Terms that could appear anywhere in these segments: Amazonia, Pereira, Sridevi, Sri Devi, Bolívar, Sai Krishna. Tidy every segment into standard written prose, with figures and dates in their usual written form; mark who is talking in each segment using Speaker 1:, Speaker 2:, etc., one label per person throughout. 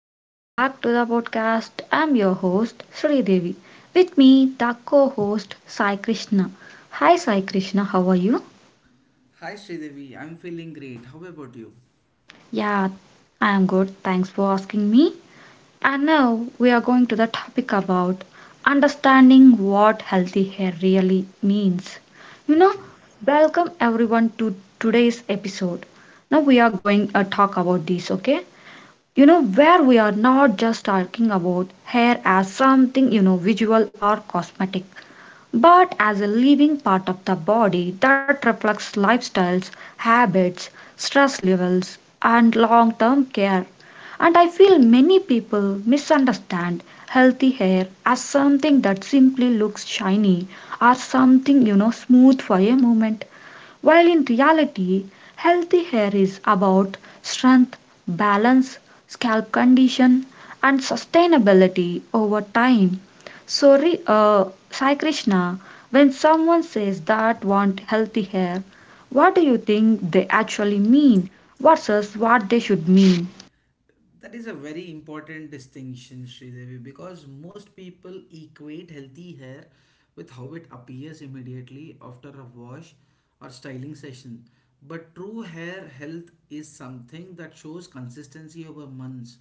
Speaker 1: welcome back to the podcast. I'm your host Sri Devi. With me, the co-host Sai Krishna. Hi Sai Krishna, how are you?
Speaker 2: Hi Sridevi, I'm feeling great. How about you?
Speaker 1: Yeah, I am good. Thanks for asking me. And now we are going to the topic about understanding what healthy hair really means. You know,
Speaker 2: Okay.
Speaker 1: Welcome everyone to today's episode. Now we are going to talk about this, okay? Where we are not just talking about hair as something, visual or cosmetic, but as a living part of the body that reflects lifestyles, habits, stress levels, and long term care. And I feel many people misunderstand healthy hair as something that simply looks shiny, or something, smooth for a moment, while in reality, healthy hair is about strength, balance, scalp condition, and sustainability over time. So, re, uh, Sai Krishna, when someone says that want healthy hair, what do you think they actually mean versus what they should mean?
Speaker 2: That is a very important distinction, Sridevi, because most people equate healthy hair with how it appears immediately after a wash or styling session. But true hair health is something that shows consistency over months,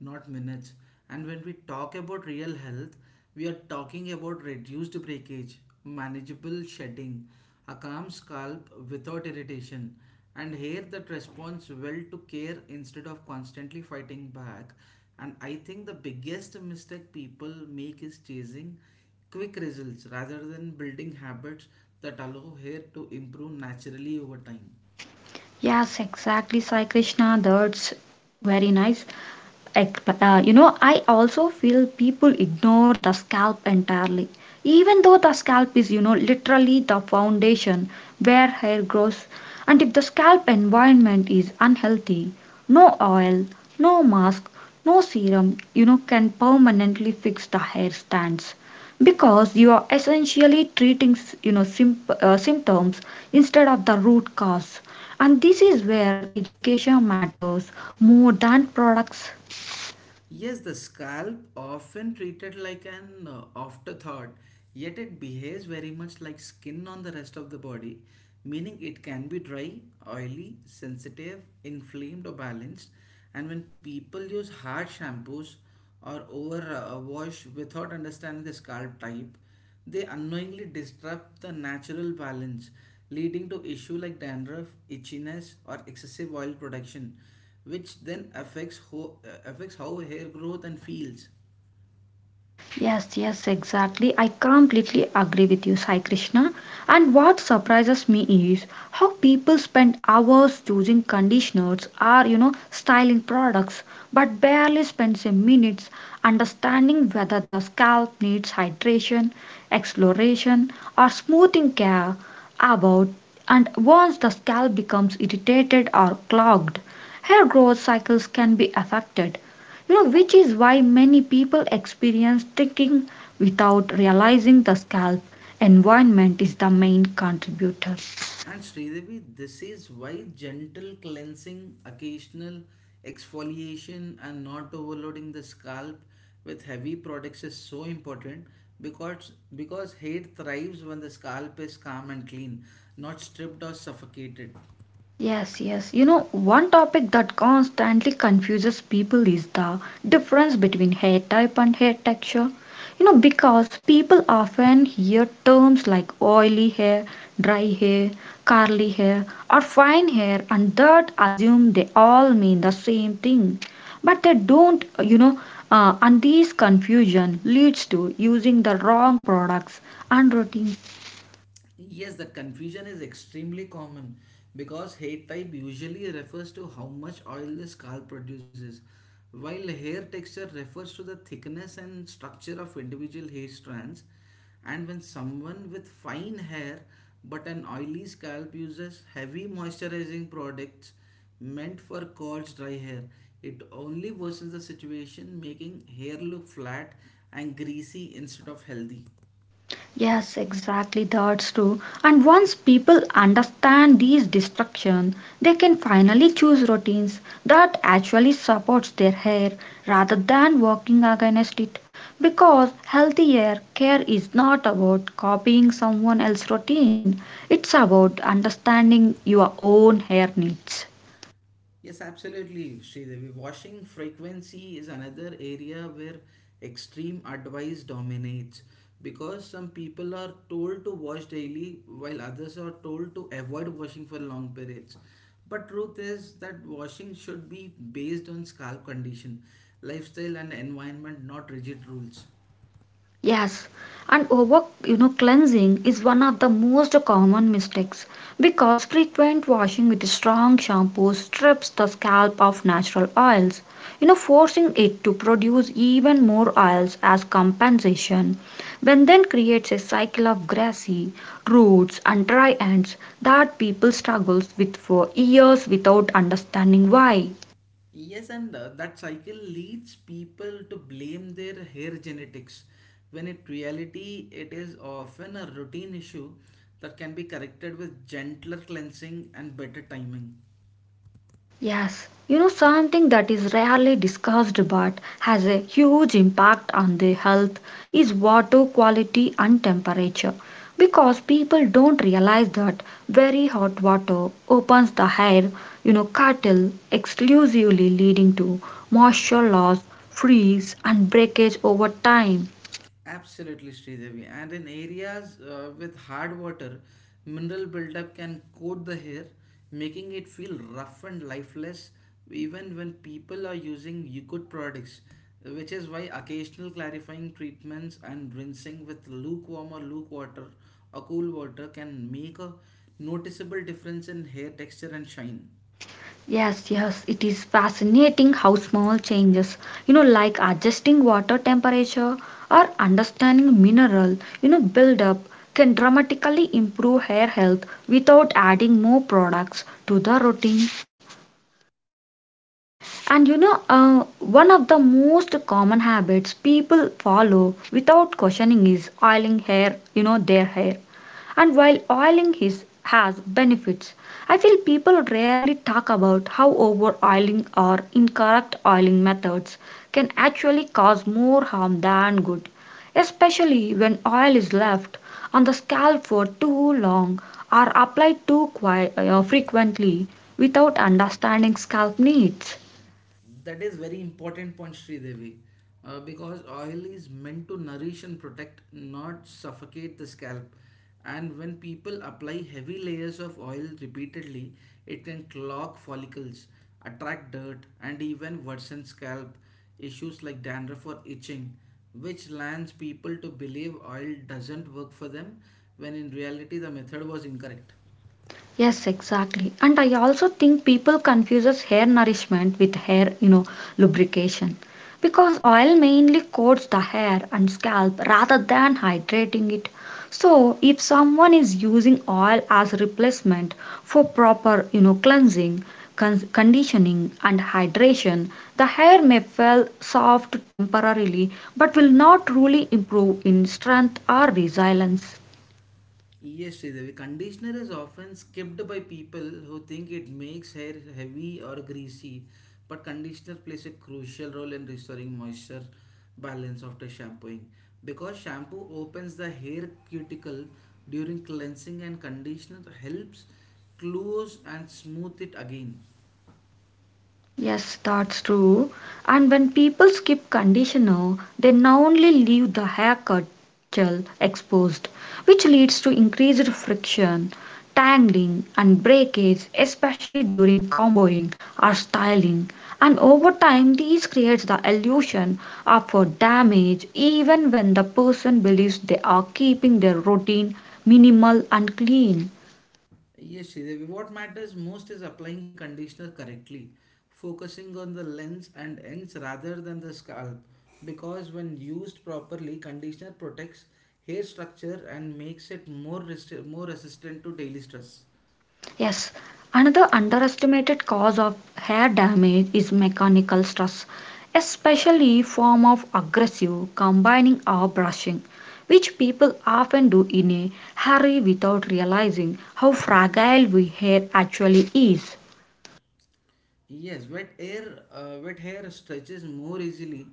Speaker 2: not minutes. And when we talk about real health, we are talking about reduced breakage, manageable shedding, a calm scalp without irritation and here that responds well to care instead of constantly fighting back. And I think the biggest mistake people make is chasing quick results rather than building habits that allow hair to improve naturally over time.
Speaker 1: Yes, exactly, Sai Krishna. That's very nice. I also feel people ignore the scalp entirely, even though the scalp is, literally the foundation where hair grows. And if the scalp environment is unhealthy, no oil, no mask, no serum, can permanently fix the hair strands, because you are essentially treating, symptoms instead of the root cause. And this is where education matters more than products.
Speaker 2: Yes, the scalp, often treated like an afterthought, yet it behaves very much like skin on the rest of the body, meaning it can be dry, oily, sensitive, inflamed, or balanced. And when people use hard shampoos or over wash without understanding the scalp type, they unknowingly disrupt the natural balance, leading to issue like dandruff, itchiness, or excessive oil production, which then affects affects how hair growth and feels.
Speaker 1: Yes, yes, exactly. I completely agree with you, Sai Krishna. And what surprises me is how people spend hours choosing conditioners or, styling products, but barely spends a minute understanding whether the scalp needs hydration, exploration, or smoothing care about. And once the scalp becomes irritated or clogged, hair growth cycles can be affected, which is why many people experience ticking without realizing the scalp environment is the main contributor.
Speaker 2: And Sridevi, this is why gentle cleansing, occasional exfoliation, and not overloading the scalp with heavy products is so important because hair thrives when the scalp is calm and clean, not stripped or suffocated.
Speaker 1: Yes, yes. One topic that constantly confuses people is the difference between hair type and hair texture. Because people often hear terms like oily hair, dry hair, curly hair, or fine hair, and that assume they all mean the same thing. But they don't, and this confusion leads to using the wrong products and routines.
Speaker 2: Yes, that confusion is extremely common because hair type usually refers to how much oil the scalp produces, while hair texture refers to the thickness and structure of individual hair strands. And when someone with fine hair but an oily scalp uses heavy moisturizing products meant for coarse dry hair, it only worsens the situation, making hair look flat and greasy instead of healthy.
Speaker 1: Yes, exactly, that's true. And once people understand these destruction, they can finally choose routines that actually supports their hair rather than working against it. Because healthy hair care is not about copying someone else's routine, it's about understanding your own hair needs.
Speaker 2: Yes, absolutely, Sridevi. Washing frequency is another area where extreme advice dominates because some people are told to wash daily while others are told to avoid washing for long periods. But truth is that washing should be based on scalp condition, lifestyle and environment, not rigid rules.
Speaker 1: Yes, and over cleansing is one of the most common mistakes, because frequent washing with strong shampoos strips the scalp of natural oils, forcing it to produce even more oils as compensation, when then creates a cycle of greasy roots and dry ends that people struggles with for years without understanding why.
Speaker 2: Yes, and that cycle leads people to blame their hair genetics, when in reality, it is often a routine issue that can be corrected with gentler cleansing and better timing.
Speaker 1: Yes, something that is rarely discussed but has a huge impact on the health is water quality and temperature, because people don't realize that very hot water opens the air, cattle exclusively, leading to moisture loss, freeze and breakage over time.
Speaker 2: Absolutely, Sridevi. And in areas with hard water, mineral buildup can coat the hair, making it feel rough and lifeless, even when people are using good products. Which is why occasional clarifying treatments and rinsing with lukewarm or luke water or cool water can make a noticeable difference in hair texture and shine.
Speaker 1: Yes, yes, it is fascinating how small changes, like adjusting water temperature or understanding mineral, buildup, can dramatically improve hair health without adding more products to the routine. And one of the most common habits people follow without questioning is oiling hair, their hair. And while oiling is, has benefits, I feel people rarely talk about how over oiling or incorrect oiling methods can actually cause more harm than good, especially when oil is left on the scalp for too long or applied too frequently without understanding scalp needs.
Speaker 2: That is very important point, Sridevi, because oil is meant to nourish and protect, not suffocate the scalp. And when people apply heavy layers of oil repeatedly, it can clog follicles, attract dirt, and even worsen scalp issues like dandruff or itching, which lands people to believe oil doesn't work for them when in reality the method was incorrect.
Speaker 1: Yes, exactly. And I also think people confuses hair nourishment with hair, lubrication. Because oil mainly coats the hair and scalp rather than hydrating it. So, if someone is using oil as a replacement for proper, cleansing, conditioning and hydration, the hair may feel soft temporarily but will not truly improve in strength or resilience.
Speaker 2: Yes, Sridevi. Conditioner is often skipped by people who think it makes hair heavy or greasy, but conditioner plays a crucial role in restoring moisture balance after shampooing. Because shampoo opens the hair cuticle during cleansing and conditioner helps close and smooth it again.
Speaker 1: Yes, that's true. And when people skip conditioner, they not only leave the hair cut gel exposed, which leads to increased friction, tangling, and breakage, especially during comboing or styling. And over time, these creates the illusion of a damage, even when the person believes they are keeping their routine minimal and clean.
Speaker 2: Yes, Sridevi. What matters most is applying conditioner correctly, focusing on the lens and ends rather than the scalp. Because when used properly, conditioner protects hair structure and makes it more resistant to daily stress.
Speaker 1: Yes, another underestimated cause of hair damage is mechanical stress, especially form of aggressive combining or brushing, which people often do in a hurry without realizing how fragile we hair actually is.
Speaker 2: Yes, wet hair stretches more easily,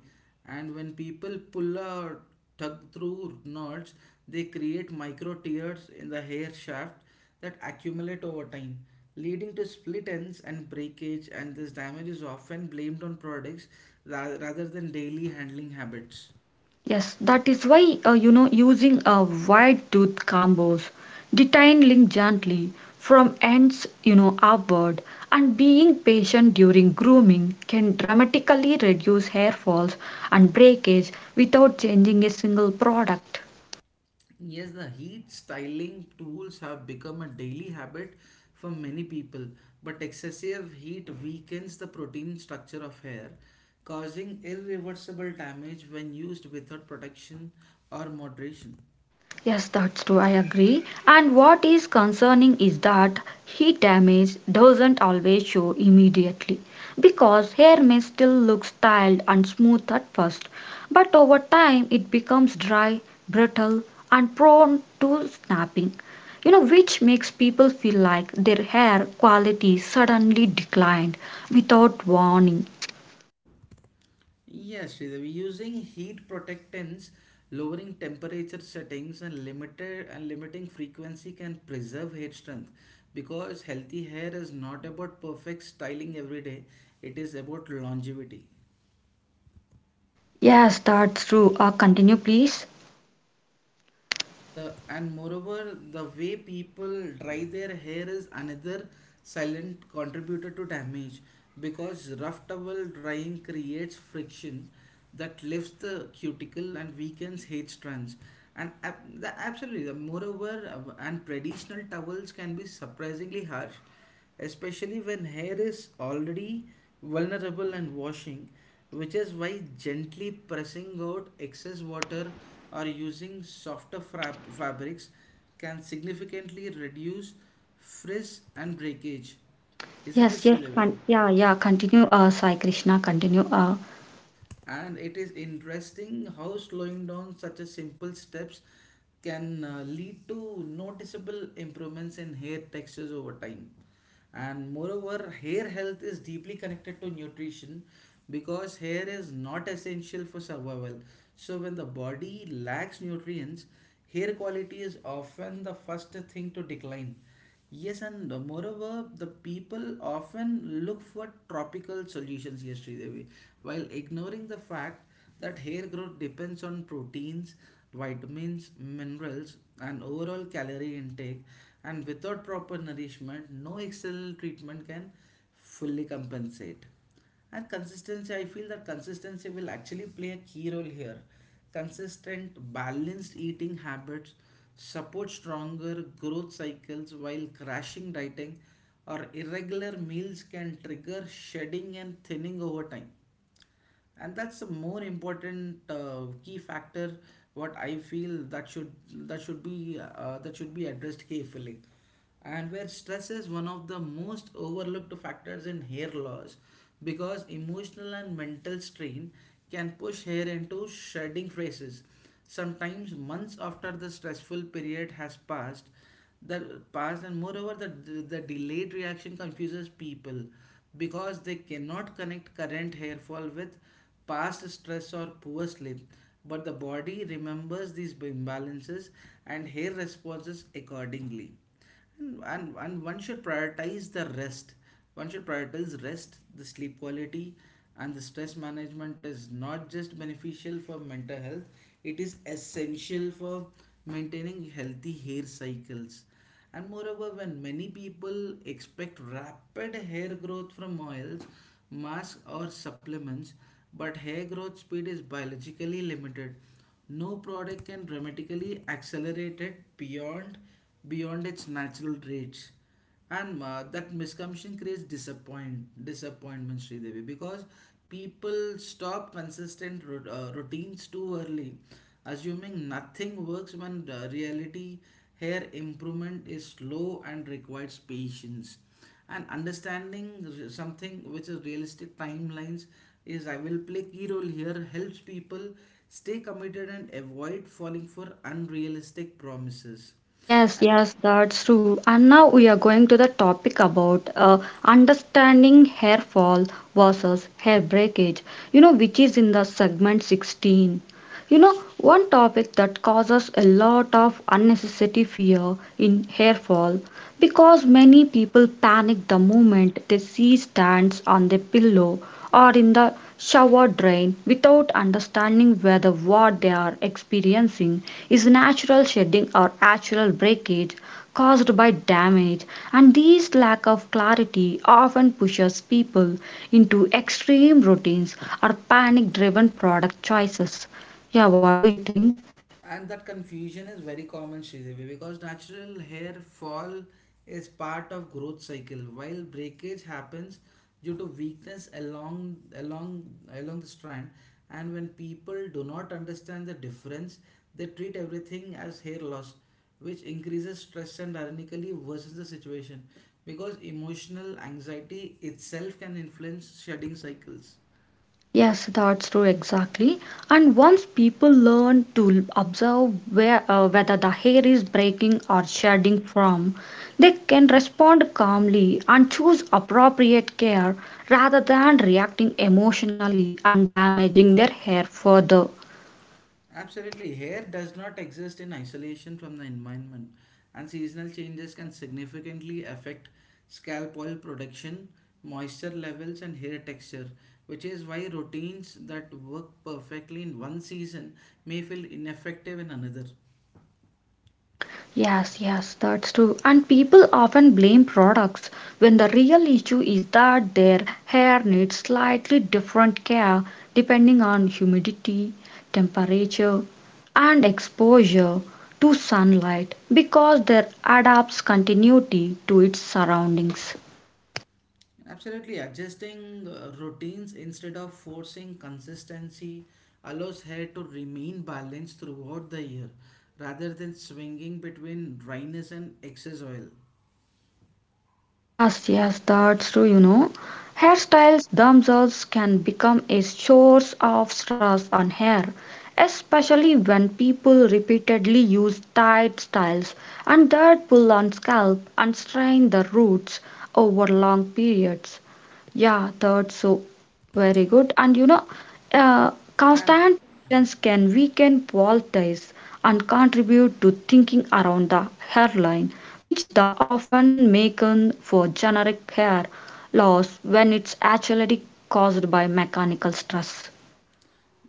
Speaker 2: and when people pull or tug through knots, they create micro tears in the hair shaft that accumulate over time, leading to split ends and breakage. And this damage is often blamed on products rather than daily handling habits.
Speaker 1: Yes, that is why using a wide tooth combos, detangling gently from ends upward, and being patient during grooming can dramatically reduce hair falls and breakage without changing a single product.
Speaker 2: Yes, the heat styling tools have become a daily habit for many people, but excessive heat weakens the protein structure of hair, causing irreversible damage when used without protection or moderation.
Speaker 1: Yes, that's true, I agree. And what is concerning is that heat damage doesn't always show immediately, because hair may still look styled and smooth at first, but over time it becomes dry, brittle, and prone to snapping. Which makes people feel like their hair quality suddenly declined without warning.
Speaker 2: Yes, Sridevi, using heat protectants, lowering temperature settings, and limited and limiting frequency can preserve hair strength because healthy hair is not about perfect styling every day, it is about longevity.
Speaker 1: Yes, that's true. Continue, please.
Speaker 2: And moreover the way people dry their hair is another silent contributor to damage because rough towel drying creates friction that lifts the cuticle and weakens hair strands and ab- the, absolutely the moreover and traditional towels can be surprisingly harsh especially when hair is already vulnerable and washing, which is why gently pressing out excess water or using fabrics can significantly reduce frizz and breakage. Isn't it, Sridevi?
Speaker 1: Yeah, yeah, continue, Sai Krishna, continue.
Speaker 2: And it is interesting how slowing down such a simple steps can lead to noticeable improvements in hair textures over time. And moreover hair health is deeply connected to nutrition because hair is not essential for survival, so when the body lacks nutrients hair quality is often the first thing to decline. Yes, and moreover, the people often look for tropical solutions here, Sridevi, while ignoring the fact that hair growth depends on proteins, vitamins, minerals, and overall calorie intake. And without proper nourishment, no external treatment can fully compensate. And consistency, I feel that consistency will actually play a key role here. Consistent, balanced eating habits support stronger growth cycles while crashing dieting or irregular meals can trigger shedding and thinning over time, and that's a more important key factor what I feel that should be that should be addressed carefully. And where stress is one of the most overlooked factors in hair loss because emotional and mental strain can push hair into shedding phases sometimes months after the stressful period has passed. The past And moreover the delayed reaction confuses people because they cannot connect current hair fall with past stress or poor sleep, but the body remembers these imbalances and hair responses accordingly. And one should prioritize rest, the sleep quality, and the stress management is not just beneficial for mental health, it is essential for maintaining healthy hair cycles. And moreover when many people expect rapid hair growth from oils, masks or supplements, but hair growth speed is biologically limited, no product can dramatically accelerate it beyond its natural traits. And that misconception creates disappointment, Sridevi, because people stop consistent routines too early, assuming nothing works when the reality hair improvement is slow and requires patience. And understanding something which is realistic timelines is I will play key role here helps people stay committed and avoid falling for unrealistic promises.
Speaker 1: Yes,
Speaker 2: and
Speaker 1: yes, that's true. And now we are going to the topic about understanding hair fall versus hair breakage, which is in the segment 16. One topic that causes a lot of unnecessary fear in hair fall, because many people panic the moment they see stains on their pillow or in the shower drain without understanding whether what they are experiencing is natural shedding or actual breakage caused by damage. And this lack of clarity often pushes people into extreme routines or panic driven product choices. Yeah, what do you think?
Speaker 2: and that confusion is very common Sridevi because natural hair fall is part of growth cycle while breakage happens due to weakness along along the strand. And when people do not understand the difference they treat everything as hair loss which increases stress and ironically worsens the situation because emotional anxiety itself can influence shedding cycles.
Speaker 1: Yes, that's true exactly. And once people learn to observe where whether the hair is breaking or shedding from, they can respond calmly and choose appropriate care rather than reacting emotionally and damaging their hair further.
Speaker 2: Absolutely. Hair does not exist in isolation from the environment, and seasonal changes can significantly affect scalp oil production, moisture levels, and hair texture, which is why routines that work perfectly in one season may feel ineffective in another.
Speaker 1: Yes, yes, that's true. And people often blame products when the real issue is that their hair needs slightly different care depending on humidity, temperature, and exposure to sunlight, because their adapts continuity to its surroundings.
Speaker 2: Absolutely, adjusting routines instead of forcing consistency allows hair to remain balanced throughout the year rather than swinging between dryness and excess oil.
Speaker 1: Yes, yes, that's true, Hairstyles themselves can become a source of stress on hair, especially when people repeatedly use tight styles and that pull on scalp and strain the roots over long periods. Yeah, that's so very good. And uh,
Speaker 2: And
Speaker 1: constant tensions can weaken wall ties and contribute to thinking around the hairline, which the often mistaken for generic hair loss when it's actually caused by mechanical stress.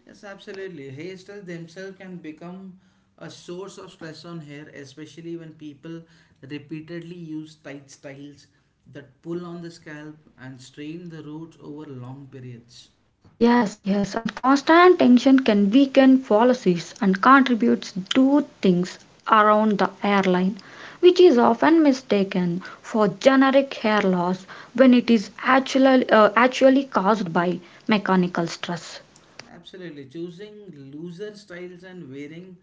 Speaker 2: Yes, absolutely. Hairstyles themselves can become a source of stress on hair, especially when people repeatedly use tight styles that pull on the scalp and strain the roots over long periods.
Speaker 1: Yes, yes, and constant tension can weaken policies and contributes to things around the airline, which is often mistaken for generic hair loss when it is actually caused by mechanical stress.
Speaker 2: Absolutely. Choosing looser styles and wearing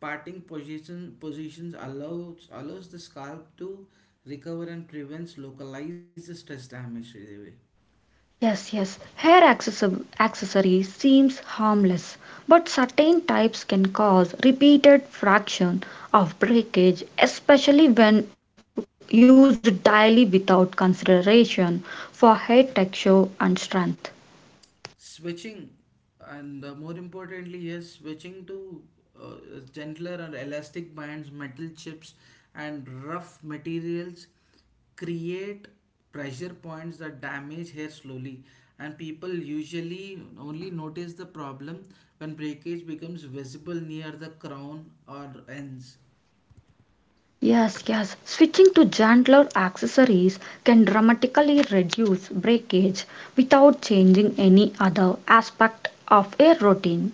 Speaker 2: positions allows the scalp to recover and prevents localized stress damage. Really.
Speaker 1: Yes, yes. Accessories seems harmless, but certain types can cause repeated fraction of breakage, especially when used daily without consideration for hair texture and strength.
Speaker 2: Switching and More importantly, yes, switching to uh, gentler or elastic bands, metal chips and rough materials create pressure points that damage hair slowly, and people usually only notice the problem when breakage becomes visible near the crown or ends.
Speaker 1: Yes, yes. Switching to gentler accessories can dramatically reduce breakage without changing any other aspect of a routine.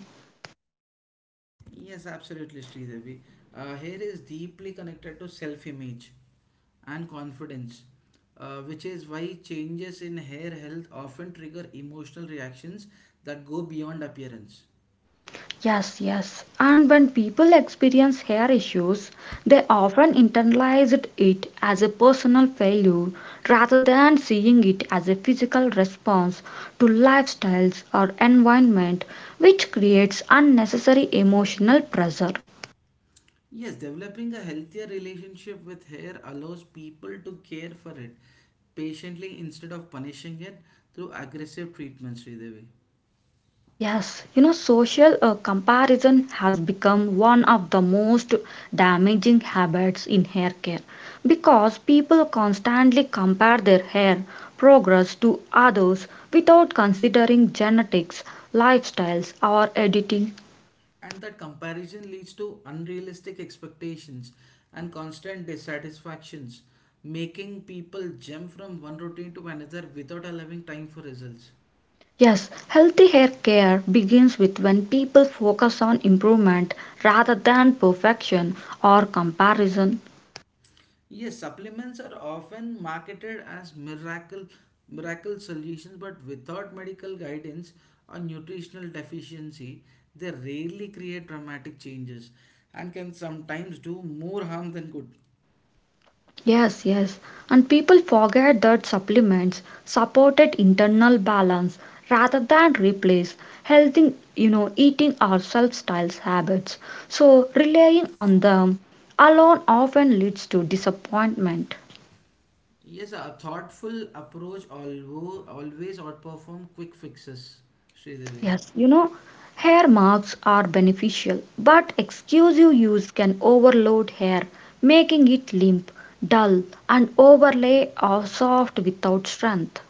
Speaker 2: Yes, absolutely, Sridevi. Hair is deeply connected to self image and confidence, which is why changes in hair health often trigger emotional reactions that go beyond appearance.
Speaker 1: Yes, yes. And when people experience hair issues, they often internalize it as a personal failure rather than seeing it as a physical response to lifestyles or environment, which creates unnecessary emotional pressure.
Speaker 2: Yes, developing a healthier relationship with hair allows people to care for it patiently instead of punishing it through aggressive treatments, Sridevi.
Speaker 1: Yes, social comparison has become one of the most damaging habits in hair care, because people constantly compare their hair progress to others without considering genetics, lifestyles, or editing.
Speaker 2: And that comparison leads to unrealistic expectations and constant dissatisfactions, making people jump from one routine to another without allowing time for results.
Speaker 1: Yes, healthy hair care begins with when people focus on improvement rather than perfection or comparison.
Speaker 2: Yes, supplements are often marketed as miracle solutions, but without medical guidance or nutritional deficiency, they rarely create dramatic changes and can sometimes do more harm than good.
Speaker 1: Yes, yes. And people forget that supplements supported internal balance rather than replace healthy, eating or self-styles habits. So relying on them alone often leads to disappointment.
Speaker 2: Yes, a thoughtful approach always outperform quick fixes, Sridevi.
Speaker 1: Yes, hair marks are beneficial, but exclusive use can overload hair, making it limp, dull, and overlay or soft without strength.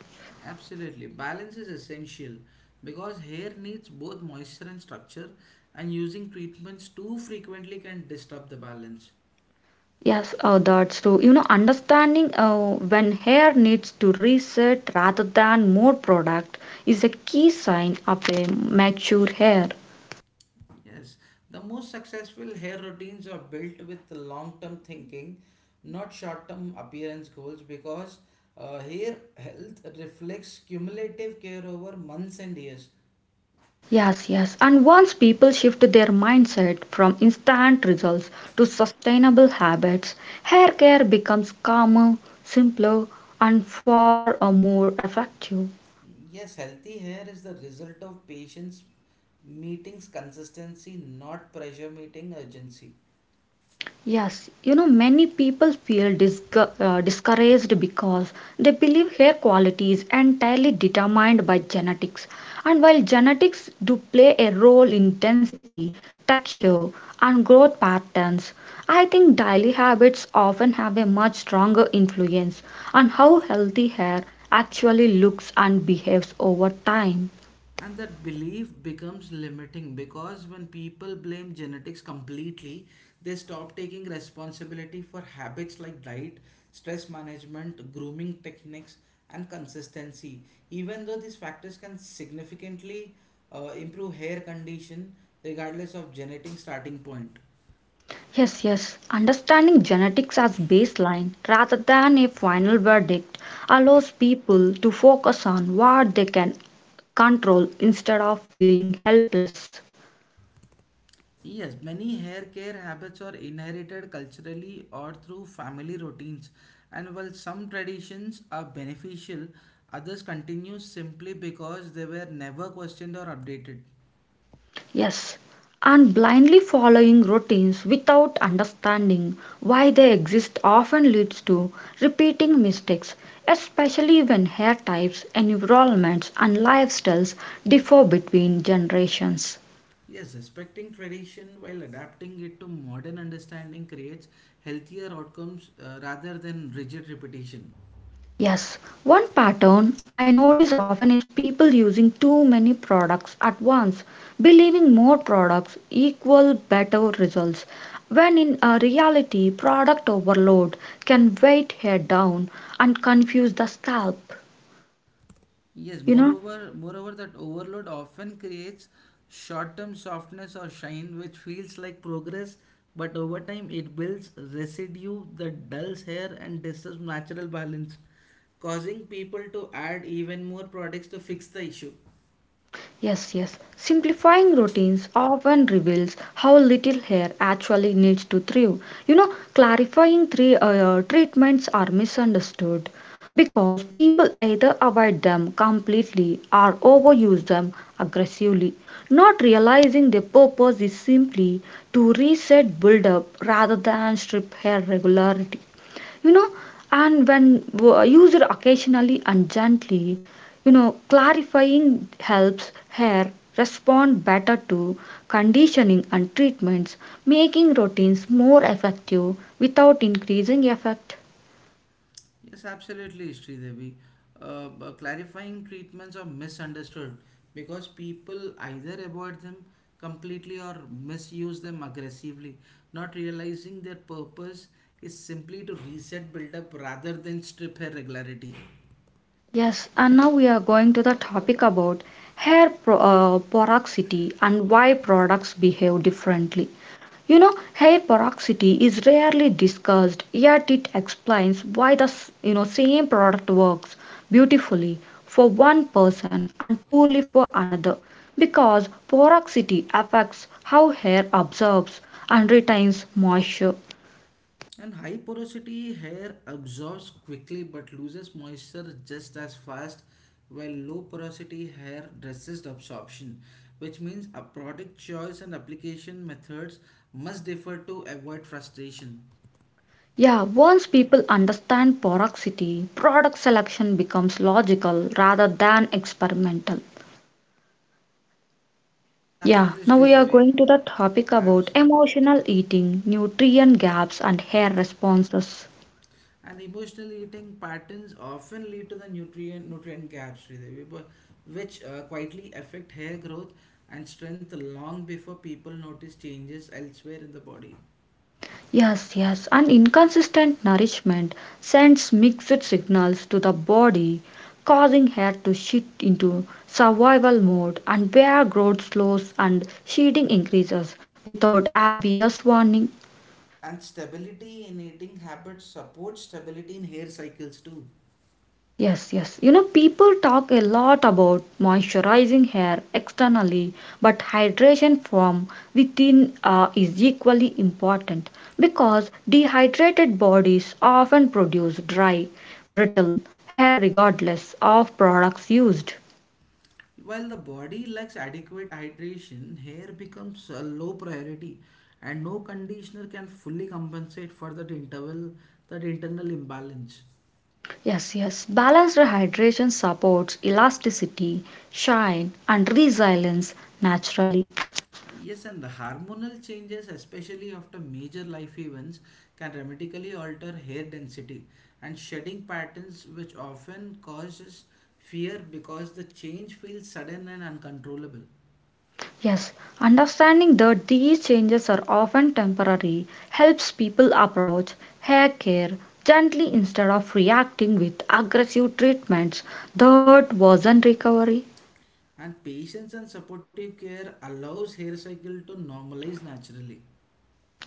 Speaker 2: Absolutely. Balance is essential because hair needs both moisture and structure, and using treatments too frequently can disturb the balance.
Speaker 1: Yes, oh, that's true. You know, understanding when hair needs to reset rather than more product is a key sign of a mature hair.
Speaker 2: Yes, the most successful hair routines are built with long term thinking, not short term appearance goals, because hair health reflects cumulative care over months and years.
Speaker 1: Yes, yes. And once people shift their mindset from instant results to sustainable habits, hair care becomes calmer, simpler, and far more effective.
Speaker 2: Yes, healthy hair is the result of patients' meetings consistency, not pressure meeting urgency.
Speaker 1: Yes, many people feel discouraged because they believe hair quality is entirely determined by genetics. And while genetics do play a role in density, texture, and growth patterns, I think daily habits often have a much stronger influence on how healthy hair actually looks and behaves over time.
Speaker 2: And that belief becomes limiting because when people blame genetics completely, they stop taking responsibility for habits like diet, stress management, grooming techniques, and consistency. Even though these factors can significantly improve hair condition regardless of genetic starting point.
Speaker 1: Yes, yes. Understanding genetics as baseline rather than a final verdict allows people to focus on what they can control instead of feeling helpless.
Speaker 2: Yes, many hair care habits are inherited culturally or through family routines, and while some traditions are beneficial, others continue simply because they were never questioned or updated.
Speaker 1: Yes. And blindly following routines without understanding why they exist often leads to repeating mistakes, especially when hair types, environments, and lifestyles differ between generations.
Speaker 2: Yes, respecting tradition while adapting it to modern understanding creates healthier outcomes rather than rigid repetition.
Speaker 1: Yes, one pattern I notice often is people using too many products at once, believing more products equal better results, when in reality, product overload can weight hair down and confuse the scalp.
Speaker 2: Yes,
Speaker 1: You know?
Speaker 2: moreover that overload often creates short-term softness or shine which feels like progress, but over time it builds residue that dulls hair and disturbs natural balance, causing people to add even more products to fix the issue.
Speaker 1: Yes, yes. Simplifying routines often reveals how little hair actually needs to thrive. You know, clarifying three treatments are misunderstood because people either avoid them completely or overuse them aggressively, not realizing their purpose is simply to reset buildup rather than strip hair regularity, you know and when used occasionally and gently, clarifying helps hair respond better to conditioning and treatments, making routines more effective without increasing effect.
Speaker 2: Yes, absolutely, Sridevi. Clarifying treatments are misunderstood because people either avoid them completely or misuse them aggressively, not realizing their purpose is simply to reset build up rather than strip her regularity.
Speaker 1: Yes and now we are going to the topic about hair porosity and why products behave differently. Hair peroxide is rarely discussed, yet it explains why the same product works beautifully for one person and poorly for another, because peroxide affects how hair absorbs and retains moisture.
Speaker 2: And high porosity hair absorbs quickly but loses moisture just as fast, while low porosity hair resists absorption, which means a product choice and application methods must differ to avoid frustration.
Speaker 1: Yeah, once people understand peroxide, product selection becomes logical rather than experimental.
Speaker 2: Yes,
Speaker 1: Yeah,
Speaker 2: absolutely,
Speaker 1: now we are
Speaker 2: Sridevi.
Speaker 1: going to the topic about
Speaker 2: Absolutely.
Speaker 1: emotional eating, nutrient gaps, and hair responses.
Speaker 2: And emotional eating patterns often lead to the nutrient gaps, Sridevi, which quietly affect hair growth and strength long before people notice changes elsewhere in the body.
Speaker 1: Yes, yes, and inconsistent nourishment sends mixed signals to the body, causing hair to shift into survival mode, and hair growth slows and shedding increases without obvious warning.
Speaker 2: And stability in eating habits supports stability in hair cycles too.
Speaker 1: Yes, yes. You know, people talk a lot about moisturizing hair externally, but hydration from within is equally important, because dehydrated bodies often produce dry, brittle hair regardless of products used.
Speaker 2: While the body lacks adequate hydration, hair becomes a low priority and no conditioner can fully compensate for that internal imbalance.
Speaker 1: Yes, yes. Balanced hydration supports elasticity, shine, and resilience naturally.
Speaker 2: Yes, and the hormonal changes, especially after major life events, can dramatically alter hair density and shedding patterns, which often causes fear because the change feels sudden and uncontrollable.
Speaker 1: Yes, understanding that these changes are often temporary helps people approach hair care gently instead of reacting with aggressive treatments that wasn't recovery.
Speaker 2: And patience and supportive care allows hair cycle to normalize naturally.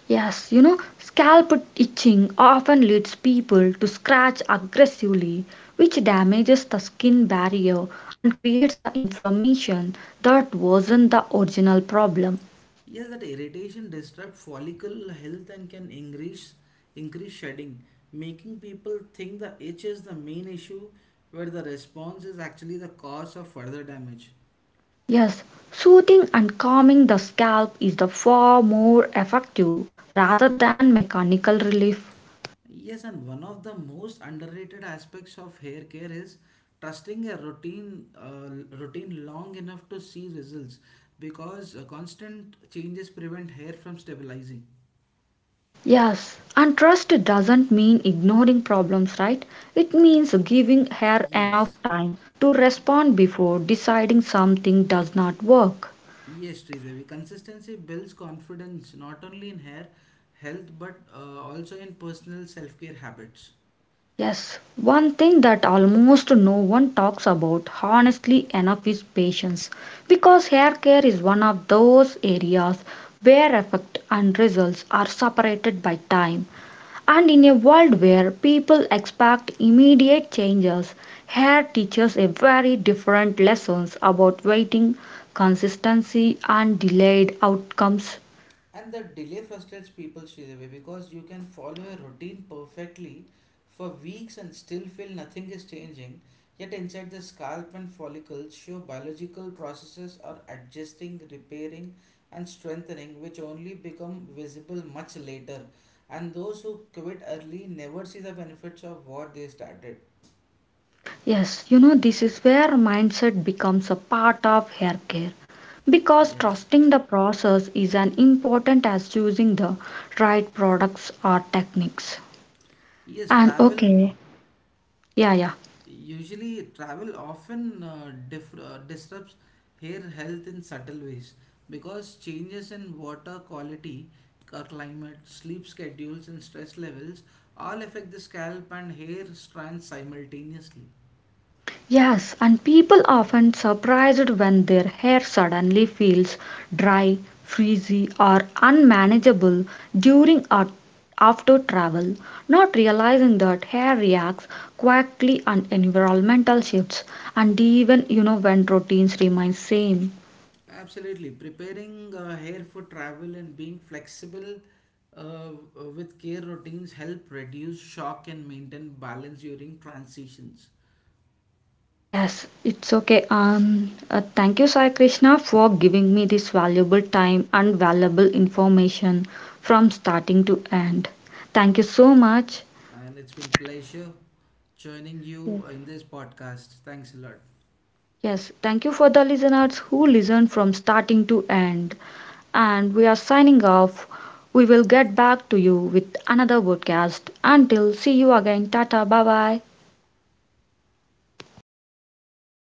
Speaker 1: Yes, you know, scalp itching often leads people to scratch aggressively, which damages the skin barrier and creates the inflammation that wasn't the original problem.
Speaker 2: Yes, that irritation disrupts follicle health and can increase shedding, making people think the itch is the main issue where the response is actually the cause of further damage.
Speaker 1: Yes, soothing and calming the scalp is the far more effective rather than mechanical relief.
Speaker 2: Yes, and one of the most underrated aspects of hair care is trusting a routine long enough to see results because constant changes prevent hair from stabilizing.
Speaker 1: Yes, and trust doesn't mean ignoring problems, right? It means giving hair
Speaker 2: Yes.
Speaker 1: enough time to respond before deciding something does not work.
Speaker 2: Yes, Sridevi. Consistency builds confidence not only in hair health but also in personal self care habits.
Speaker 1: Yes, one thing that almost no one talks about honestly enough is patience, because hair care is one of those areas where effect and results are separated by time. And in a world where people expect immediate changes, hair teaches a very different lessons about waiting, consistency and delayed outcomes.
Speaker 2: And the delay frustrates people, Sridevi, because you can follow a routine perfectly for weeks and still feel nothing is changing. Yet inside the scalp and follicles show biological processes are adjusting, repairing, and strengthening, which only become visible much later. And those who quit early never see the benefits of what they started.
Speaker 1: Yes, you know, this is where mindset becomes a part of hair care because
Speaker 2: Yes,
Speaker 1: trusting the process is as important as choosing the right products or techniques.
Speaker 2: yes,
Speaker 1: And okay, yeah, yeah.
Speaker 2: travel often disrupts hair health in subtle ways because changes in water quality, climate, sleep schedules, and stress levels all affect the scalp and hair strands simultaneously.
Speaker 1: Yes, and people often surprised when their hair suddenly feels dry, frizzy, or unmanageable during or after travel, not realizing that hair reacts quickly on environmental shifts, and even when routines remain same.
Speaker 2: Absolutely, preparing hair for travel and being flexible uh, with care routines help reduce shock and maintain balance during transitions.
Speaker 1: Yes, it's okay. Thank you, Sai Krishna, for giving me this valuable time and valuable information from starting to end. Thank you so much.
Speaker 2: And it's been pleasure joining
Speaker 1: Yes.
Speaker 2: you in this podcast. Thanks a lot.
Speaker 1: Yes, thank you for the listeners who listened from starting to end. And we are signing off. We will get back to you with another podcast. Until see you again. Tata. Bye bye.